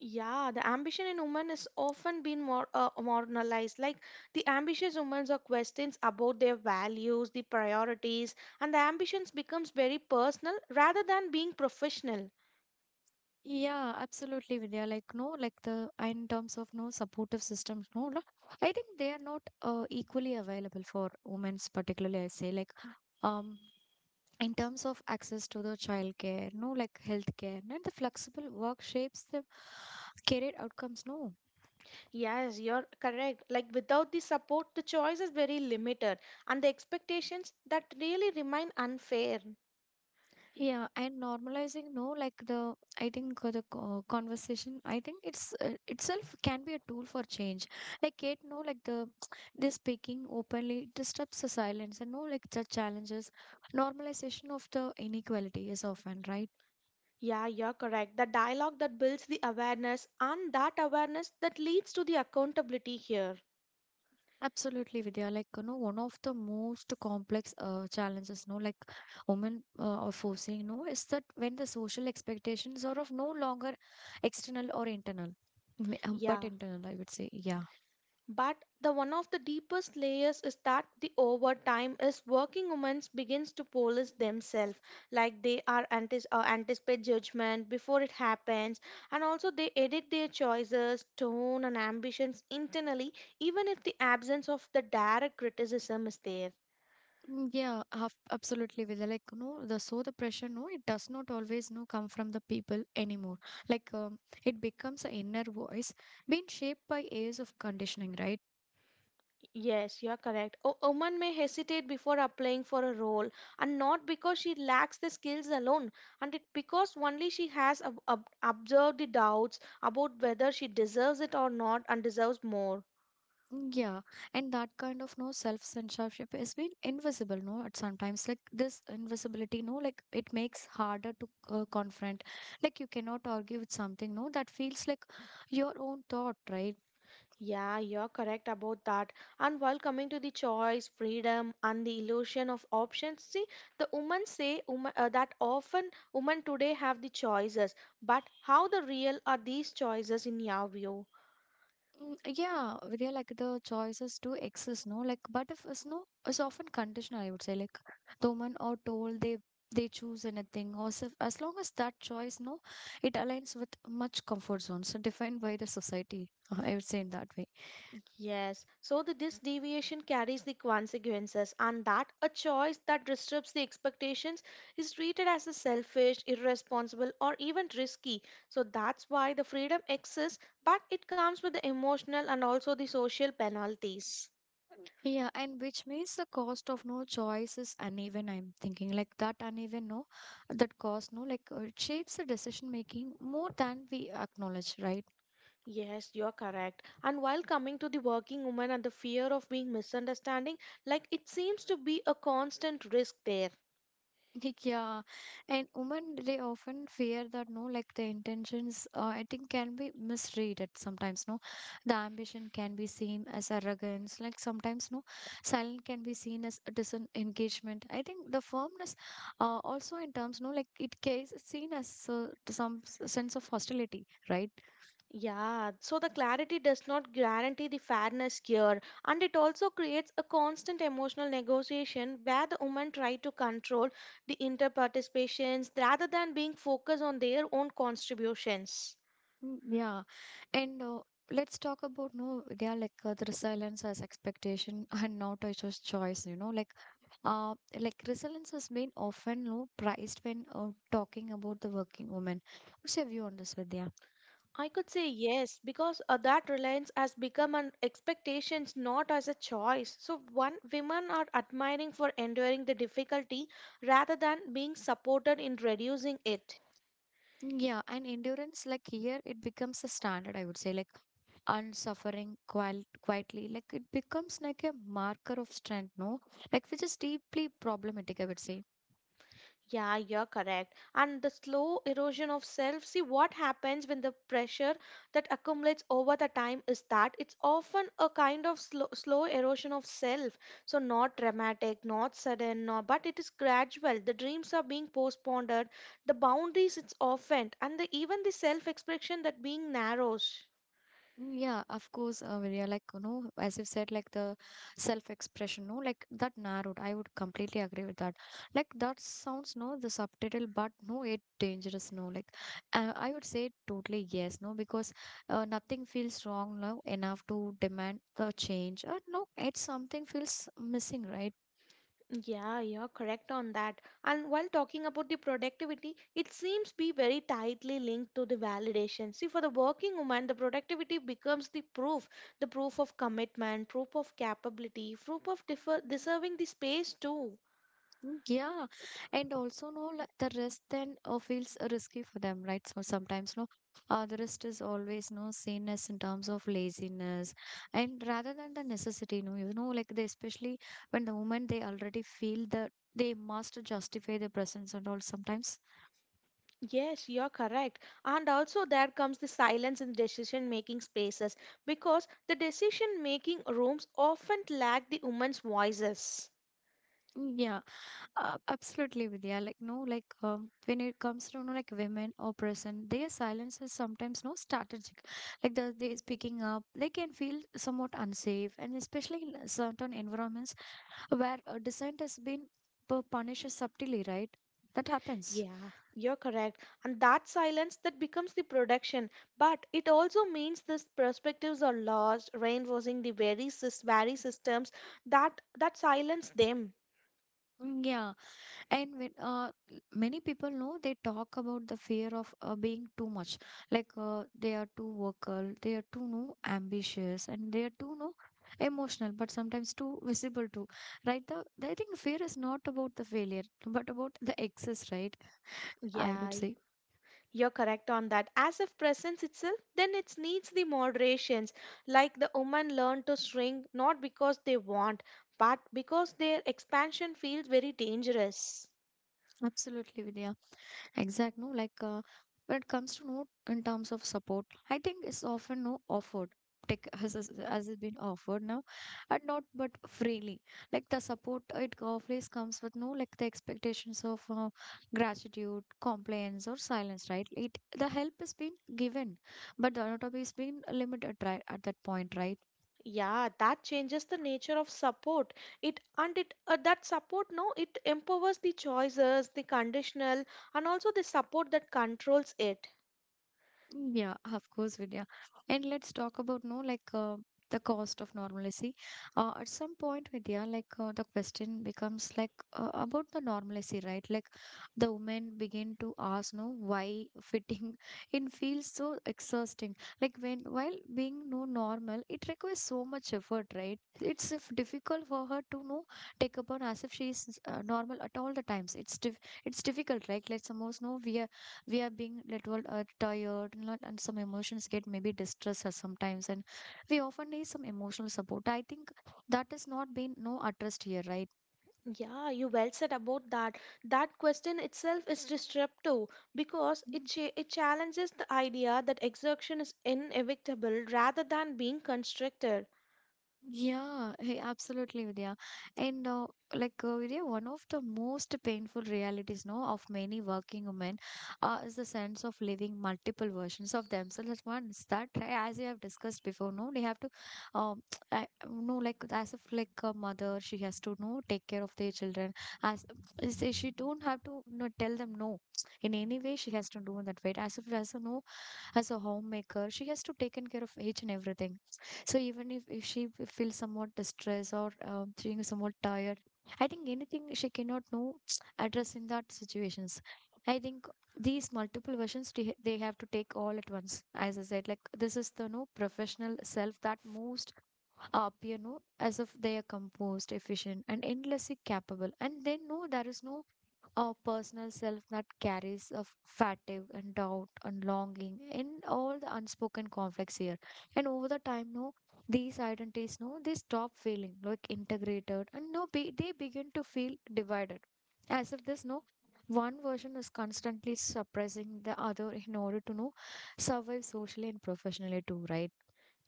Yeah, the ambition in women is often been more marginalized. Like the ambitious women are questions about their values, the priorities, and the ambitions becomes very personal rather than being professional. Yeah, absolutely, Vidya. Like, no, like the, in terms of no supportive systems, no, I think they are not equally available for women's, particularly. I say like um in terms of access to the childcare, no, like healthcare, and the flexible work shapes the career outcomes, no. Yes, you're correct. Like without the support, the choice is very limited, and the expectations that really remain unfair. Yeah, and normalizing, no, like the, I think the conversation, I think it's itself can be a tool for change. Like it, no, like the, this speaking openly disrupts the silence, and, no, like the challenges, normalization of the inequality is often, right? Yeah, you're correct. The dialogue that builds the awareness and that awareness that leads to the accountability here. Absolutely, Vidya. Like, one of the most complex challenges, no, like women are facing, no, is that when the social expectations are of no longer external or internal, but Yeah. internal, I would say, yeah. But the one of the deepest layers is that the overtime is working women begins to police themselves, like they are anticipate judgment before it happens, and also they edit their choices, tone, and ambitions internally, even if the absence of the direct criticism is there. Mm, yeah, absolutely, Vidya. Like, the so the pressure, no, it does not always, no, come from the people anymore. Like, it becomes an inner voice being shaped by years of conditioning, right? Yes, you are correct. A woman may hesitate before applying for a role, and not because she lacks the skills alone, and it because only she has observed the doubts about whether she deserves it or not and deserves more. Yeah, and that kind of, no, self censorship has been invisible, no, at sometimes, like this invisibility, no, like it makes harder to confront. Like you cannot argue with something, no, that feels like your own thought, right? Yeah, you're correct about that. And while coming to the choice, freedom, and the illusion of options, see, the women say women, that often women today have the choices, but how the real are these choices in your view? Mm, yeah, yeah, like the choices do exist, no, like, but if it's, no, it's often conditional, I would say. Like the woman or told they choose anything, or so, as long as that choice, no, it aligns with much comfort zones so defined by the society, I would say in that way. Yes, so this deviation carries the consequences, and that a choice that disrupts the expectations is treated as a selfish, irresponsible, or even risky. So that's why the freedom exists, but it comes with the emotional and also the social penalties. Yeah, and which means the cost of, no, choice is uneven. I'm thinking like that uneven, no, that cost, no, like it shapes the decision making more than we acknowledge, right? Yes, you're correct. And while coming to the working woman and the fear of being misunderstanding, like it seems to be a constant risk there. Like, yeah, and women, they often fear that, no, like the intentions, I think, can be misread at sometimes. No, the ambition can be seen as arrogance. Like sometimes, no, silent can be seen as a disengagement. I think the firmness, also in terms, no, like it is seen as to some sense of hostility, right? Yeah, so the clarity does not guarantee the fairness here, and it also creates a constant emotional negotiation where the women try to control the interparticipations rather than being focused on their own contributions. Mm, yeah, and let's talk about, no, yeah, like the resilience as expectation and not as just choice. Like like resilience has been often low priced when talking about the working woman. What's your view on this, Vidya? I could say yes, because that reliance has become an expectations, not as a choice. So one women are admiring for enduring the difficulty rather than being supported in reducing it. Yeah, and endurance, like here, it becomes a standard, I would say, like unsuffering quietly, like it becomes like a marker of strength, no? Like, which is deeply problematic, I would say. Yeah, you're correct. And the slow erosion of self, see what happens when the pressure that accumulates over the time is that it's often a kind of slow, slow erosion of self. So not dramatic, not sudden, not, but it is gradual. The dreams are being postponed, the boundaries it's often, and even the self-expression that being narrows. Mm, yeah, of course, Vidya, like, as you said, like the self-expression, no, like that narrowed. I would completely agree with that. Like that sounds, no, the subtitle, but, no, it dangerous, no, like I would say totally yes, no, because nothing feels wrong now enough to demand the change. No, it's something feels missing, right? Yeah, you're correct on that. And while talking about the productivity, it seems be very tightly linked to the validation. See, for the working woman, the productivity becomes the proof of commitment, proof of capability, proof of deserving the space too. Mm, yeah, and also, no, like the risk then feels risky for them, right? So sometimes, no, the risk is always, no, seen as in terms of laziness, and rather than the necessity, no, like they especially when the moment they already feel the, they must justify their presence and all sometimes. Yes, you're correct. And also, there comes the silence in decision making spaces because the decision making rooms often lack the woman's voices. Mm, yeah. Absolutely, Vidya. Like, no, like, when it comes to, like, women or person, their silence is sometimes, no, strategic. Like, the, they speaking up, they can feel somewhat unsafe, and especially in certain environments where dissent has been punished subtly, right? That happens. Yeah, you're correct. And that silence that becomes the production. But it also means these perspectives are lost, reinforcing the very, very systems that silence them. Mm, yeah, and when many people know they talk about the fear of being too much, like they are too vocal, they are too, no, ambitious, and they are too, no, emotional, but sometimes too visible too, right? The, I think fear is not about the failure but about the excess, right? I would Yeah, say. you're correct on that. As if presence itself, then it needs the moderations. Like the woman learn to shrink not because they want, but because their expansion feels very dangerous. Absolutely, Vidya. Exact, no, like when it comes to note in terms of support, I think it's often no offered. Tech has it been offered now, and not but freely. Like the support it always comes with no like the expectations of gratitude, complaints, or silence. Right? It the help has been given, but the autonomy has been limited right at that point. Right? Yeah, that changes the nature of support. It and it that support no, it empowers the choices, the conditional, and also the support that controls it. Yeah, of course, Vidya. And let's talk about no the cost of normalcy. At some point, Vidya, the question becomes about the normalcy, right? Like the women begin to ask, no, why fitting in feels so exhausting. Like when while being no normal, it requires so much effort, right? It's if difficult for her to no take upon as if she is normal at all the times. It's difficult, right? Let's suppose no, we are being little tired and some emotions get maybe distressed us sometimes, and we often need some emotional support. I think that is not being no addressed here, right? Yeah, you well said about that. That question itself is disruptive because it it challenges the idea that exertion is inevitable rather than being constructed. Yeah, hey, absolutely, Vidya. And Vidya, one of the most painful realities, no, of many working women, is the sense of living multiple versions of themselves at once. That, right, as you have discussed before, no, they have to, um, I, no, like as if like a mother, she has to no take care of their children. As she don't have to no, tell them no in any way, she has to do that right. As if as a no, as a homemaker she has to take care of each and everything. So even if she feels somewhat distressed or feeling somewhat tired, I think anything she cannot know address in that situations. I think these multiple versions they have to take all at once. As I said, like this is the no professional self that most appear no as if they are composed, efficient, and endlessly capable, and they know there is no our personal self that carries of fatigue and doubt and longing and all the unspoken conflicts here. And over the time no these identities no they stop feeling like integrated and no be, they begin to feel divided, as if this no one version is constantly suppressing the other in order to no survive socially and professionally too, right?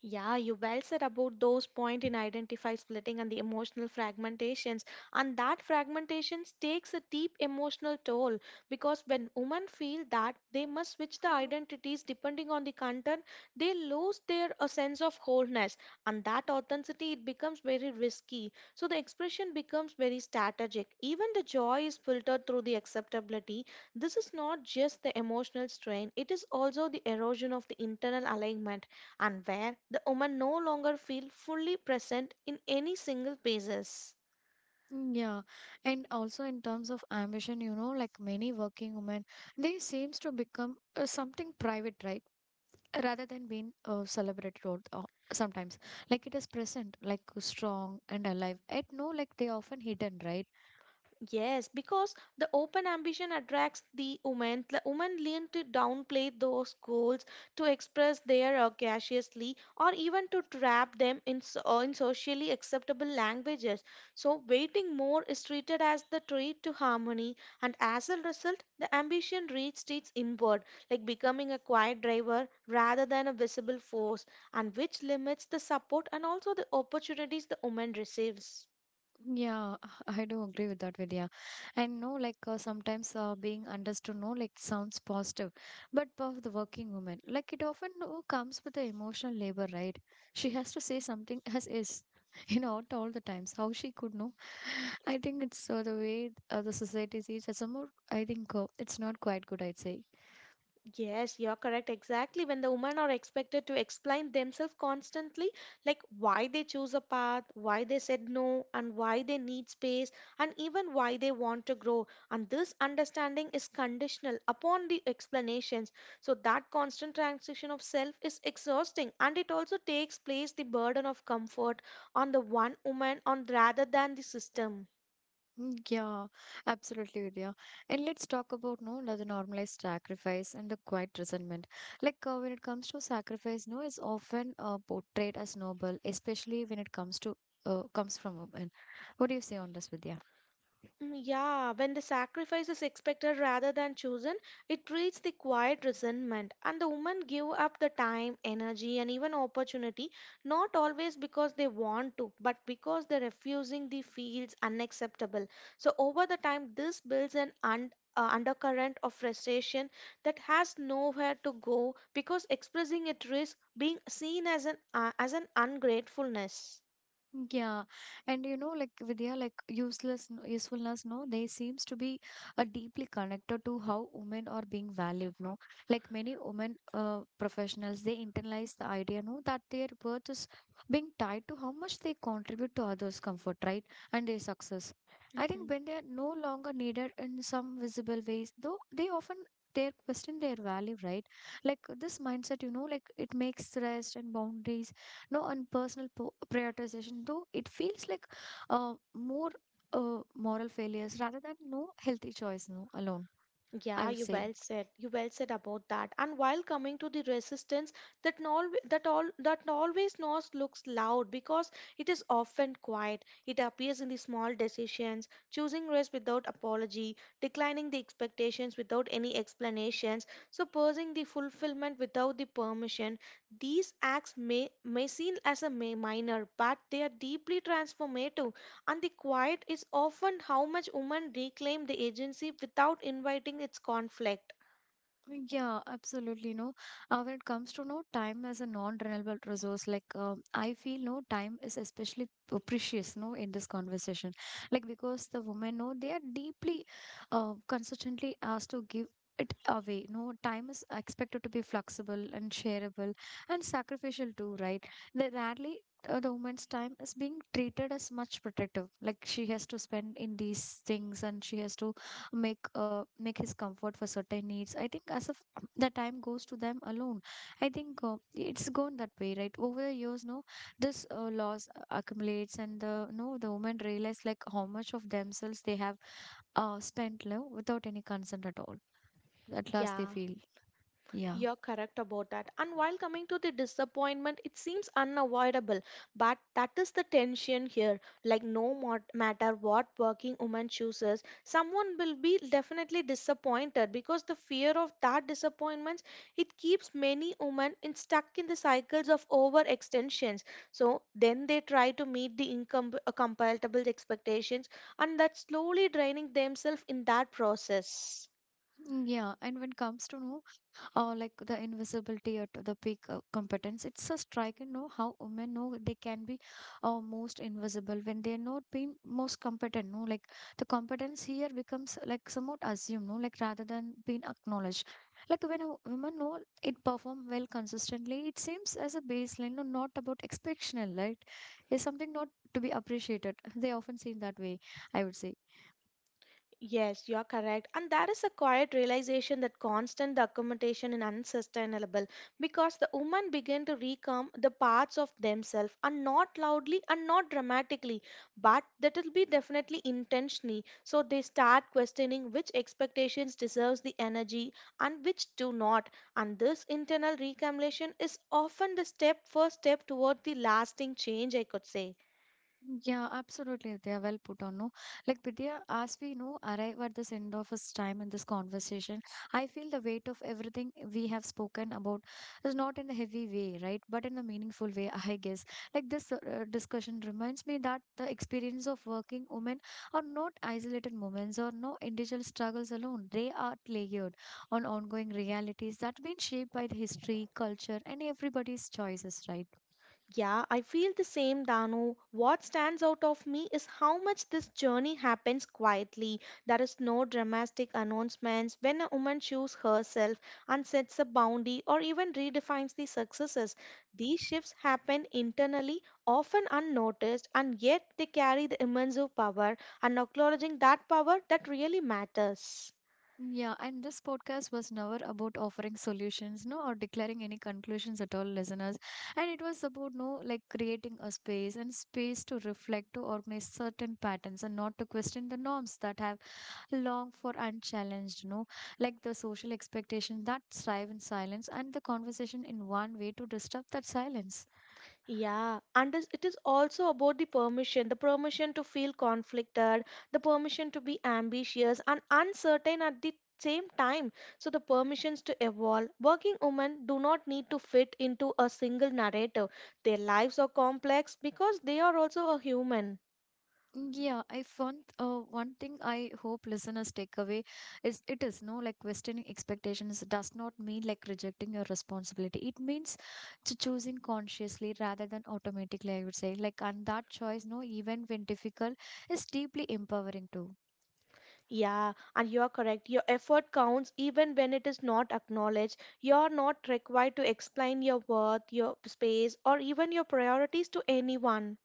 Yeah, you well said about those point in identify splitting and the emotional fragmentations. And that fragmentations takes a deep emotional toll because when women feel that they must switch the identities depending on the content, they lose their a sense of wholeness. And that authenticity it becomes very risky. So the expression becomes very strategic. Even the joy is filtered through the acceptability. This is not just the emotional strain, it is also the erosion of the internal alignment and where the woman no longer feel fully present in any single pages. Yeah, and also in terms of ambition, you know, like many working women, they seems to become something private, right, rather than being celebrated all sometimes. Like it is present like strong and alive, I know, like they are often hidden, right? Yes, because the open ambition attracts the women. The women lean to downplay those goals, to express their audaciously, or even to trap them in, so, in socially acceptable languages. So, waiting more is treated as the treat to harmony, and as a result, the ambition reaches its inward, like becoming a quiet driver rather than a visible force, and which limits the support and also the opportunities the woman receives. Yeah, I do agree with that, Vidya. And no sometimes being understood no like sounds positive, but for the working woman, like it often no, comes with the emotional labor, right? She has to say something as is you know out all the times, how she could know. I think it's the way the society sees as a more, I think it's not quite good, I'd say. Yes, you're correct. Exactly. When the women are expected to explain themselves constantly, like why they choose a path, why they said no, and why they need space, and even why they want to grow. And this understanding is conditional upon the explanations. So, that constant transition of self is exhausting and it also takes place the burden of comfort on the one woman on rather than the system. Yeah, absolutely, Vidya. And let's talk about no the normalized sacrifice and the quiet resentment. When it comes to sacrifice, no, it's often portrayed as noble, especially when it comes to comes from women. What do you say on this, Vidya? Mm, yeah, when the sacrifice is expected rather than chosen, it creates the quiet resentment, and the women give up the time, energy, and even opportunity, not always because they want to, but because they're refusing the feels unacceptable. So over the time, this builds an undercurrent of frustration that has nowhere to go because expressing it risks being seen as an as an ungratefulness. Yeah, and you know, like Vidya, like useless no- usefulness, no, they seems to be deeply connected to how women are being valued, no. Like many women professionals, they internalize the idea, no, that their worth is being tied to how much they contribute to others' comfort, right, and their success. I think Mm-hmm. when they are no longer needed in some visible ways, though, they often they question their value, right? Like this mindset, you know, like it makes rest and boundaries no on personal prioritization, though it feels like more moral failures rather than no healthy choice no alone, I Yeah, would you say. well said. You well said about that. And while coming to the resistance, that all that all that always noise looks loud because it is often quiet. It appears in the small decisions, choosing rest without apology, declining the expectations without any explanations, so pursuing the fulfillment without the permission. These acts may seem as a may minor, but they are deeply transformative. And the quiet is often how much women reclaim the agency without inviting its conflict. Yeah, absolutely. No, when it comes to no time as a non-renewable resource, I feel no time is especially precious. No, in this conversation, like because the women know they are deeply, consistently asked to give it away. No, time is expected to be flexible and shareable and sacrificial too, right? They rarely. The woman's time is being treated as much protective, like she has to spend in these things, and she has to make make his comfort for certain needs. I think as of the time goes to them alone. I think it's gone that way, right? Over the years no this loss accumulates and the no the women realize like how much of themselves they have spent no, without any consent at all. At last they Yeah. feel yeah. You're correct about that. And while coming to the disappointment, it seems unavoidable, but that is the tension here. Like, no mo- matter what working woman chooses, someone will be definitely disappointed because the fear of that disappointment it keeps many women in stuck in the cycles of overextensions. So then they try to meet the income compatible expectations, and that slowly draining themselves in that process. Yeah, and when it comes to no or like the invisibility at the peak of competence. It's a striking know how women know they can be most invisible when they're not being most competent. No, like the competence here becomes like somewhat assumed, no, like rather than being acknowledged. Like when a woman know it perform well consistently, it seems as a baseline, no, not about exceptional, right? Is something not to be appreciated. They often seen that way, I would say. Yes, you're correct. And that is a quiet realization that constant documentation is unsustainable because the women begin to recome the parts of themselves and not loudly and not dramatically, but that will be definitely intentionally. So they start questioning which expectations deserves the energy and which do not. And this internal recalculation is often the step first step toward the lasting change, I could say. Yeah, absolutely. They are well put on, no? Like, Vidya, as we know, arrive at this end of this time in this conversation, I feel the weight of everything we have spoken about is not in a heavy way, right? But in a meaningful way, I guess. Like, this discussion reminds me that the experience of working women are not isolated moments or no individual struggles alone. They are layered on ongoing realities that have been shaped by the history, culture, and everybody's choices, right? Yeah, I feel the same, Danu. What stands out of me is how much this journey happens quietly. There is no dramatic announcements when a woman chooses herself and sets a boundary or even redefines the successes. These shifts happen internally, often unnoticed, and yet they carry the immense of power, and acknowledging that power that really matters. Yeah, and this podcast was never about offering solutions, no, or declaring any conclusions at all, listeners. And it was about, no, like creating a space and space to reflect, to organize certain patterns and not to question the norms that have long for unchallenged, no, like the social expectations that thrive in silence and the conversation in one way to disturb that silence. Yeah, and this, it is also about the permission to feel conflicted, the permission to be ambitious and uncertain at the same time. So, the permissions to evolve. Working women do not need to fit into a single narrative, their lives are complex because they are also a human. Yeah, I found one thing I hope listeners take away is it is no like questioning expectations does not mean like rejecting your responsibility. It means to choosing consciously rather than automatically, I would say. Like and that choice, no, even when difficult, is deeply empowering too. Yeah, and you are correct. Your effort counts even when it is not acknowledged. You are not required to explain your worth, your space, or even your priorities to anyone.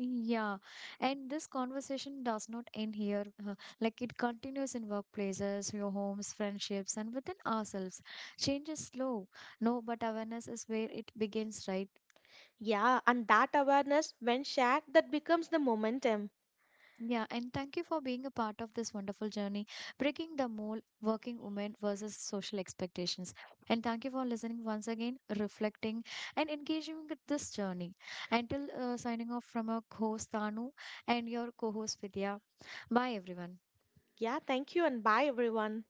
Yeah, and this conversation does not end here. Like it continues in workplaces, your homes, friendships, and within ourselves. Change is slow, no, but awareness is where it begins, right? Yeah, and that awareness, when shared, that becomes the momentum. Yeah, and thank you for being a part of this wonderful journey, breaking the mold, working women versus social expectations. And thank you for listening once again, reflecting, and engaging with this journey. Until signing off from our host Tanu and your co host Vidya. Bye, everyone. Yeah, thank you and bye, everyone.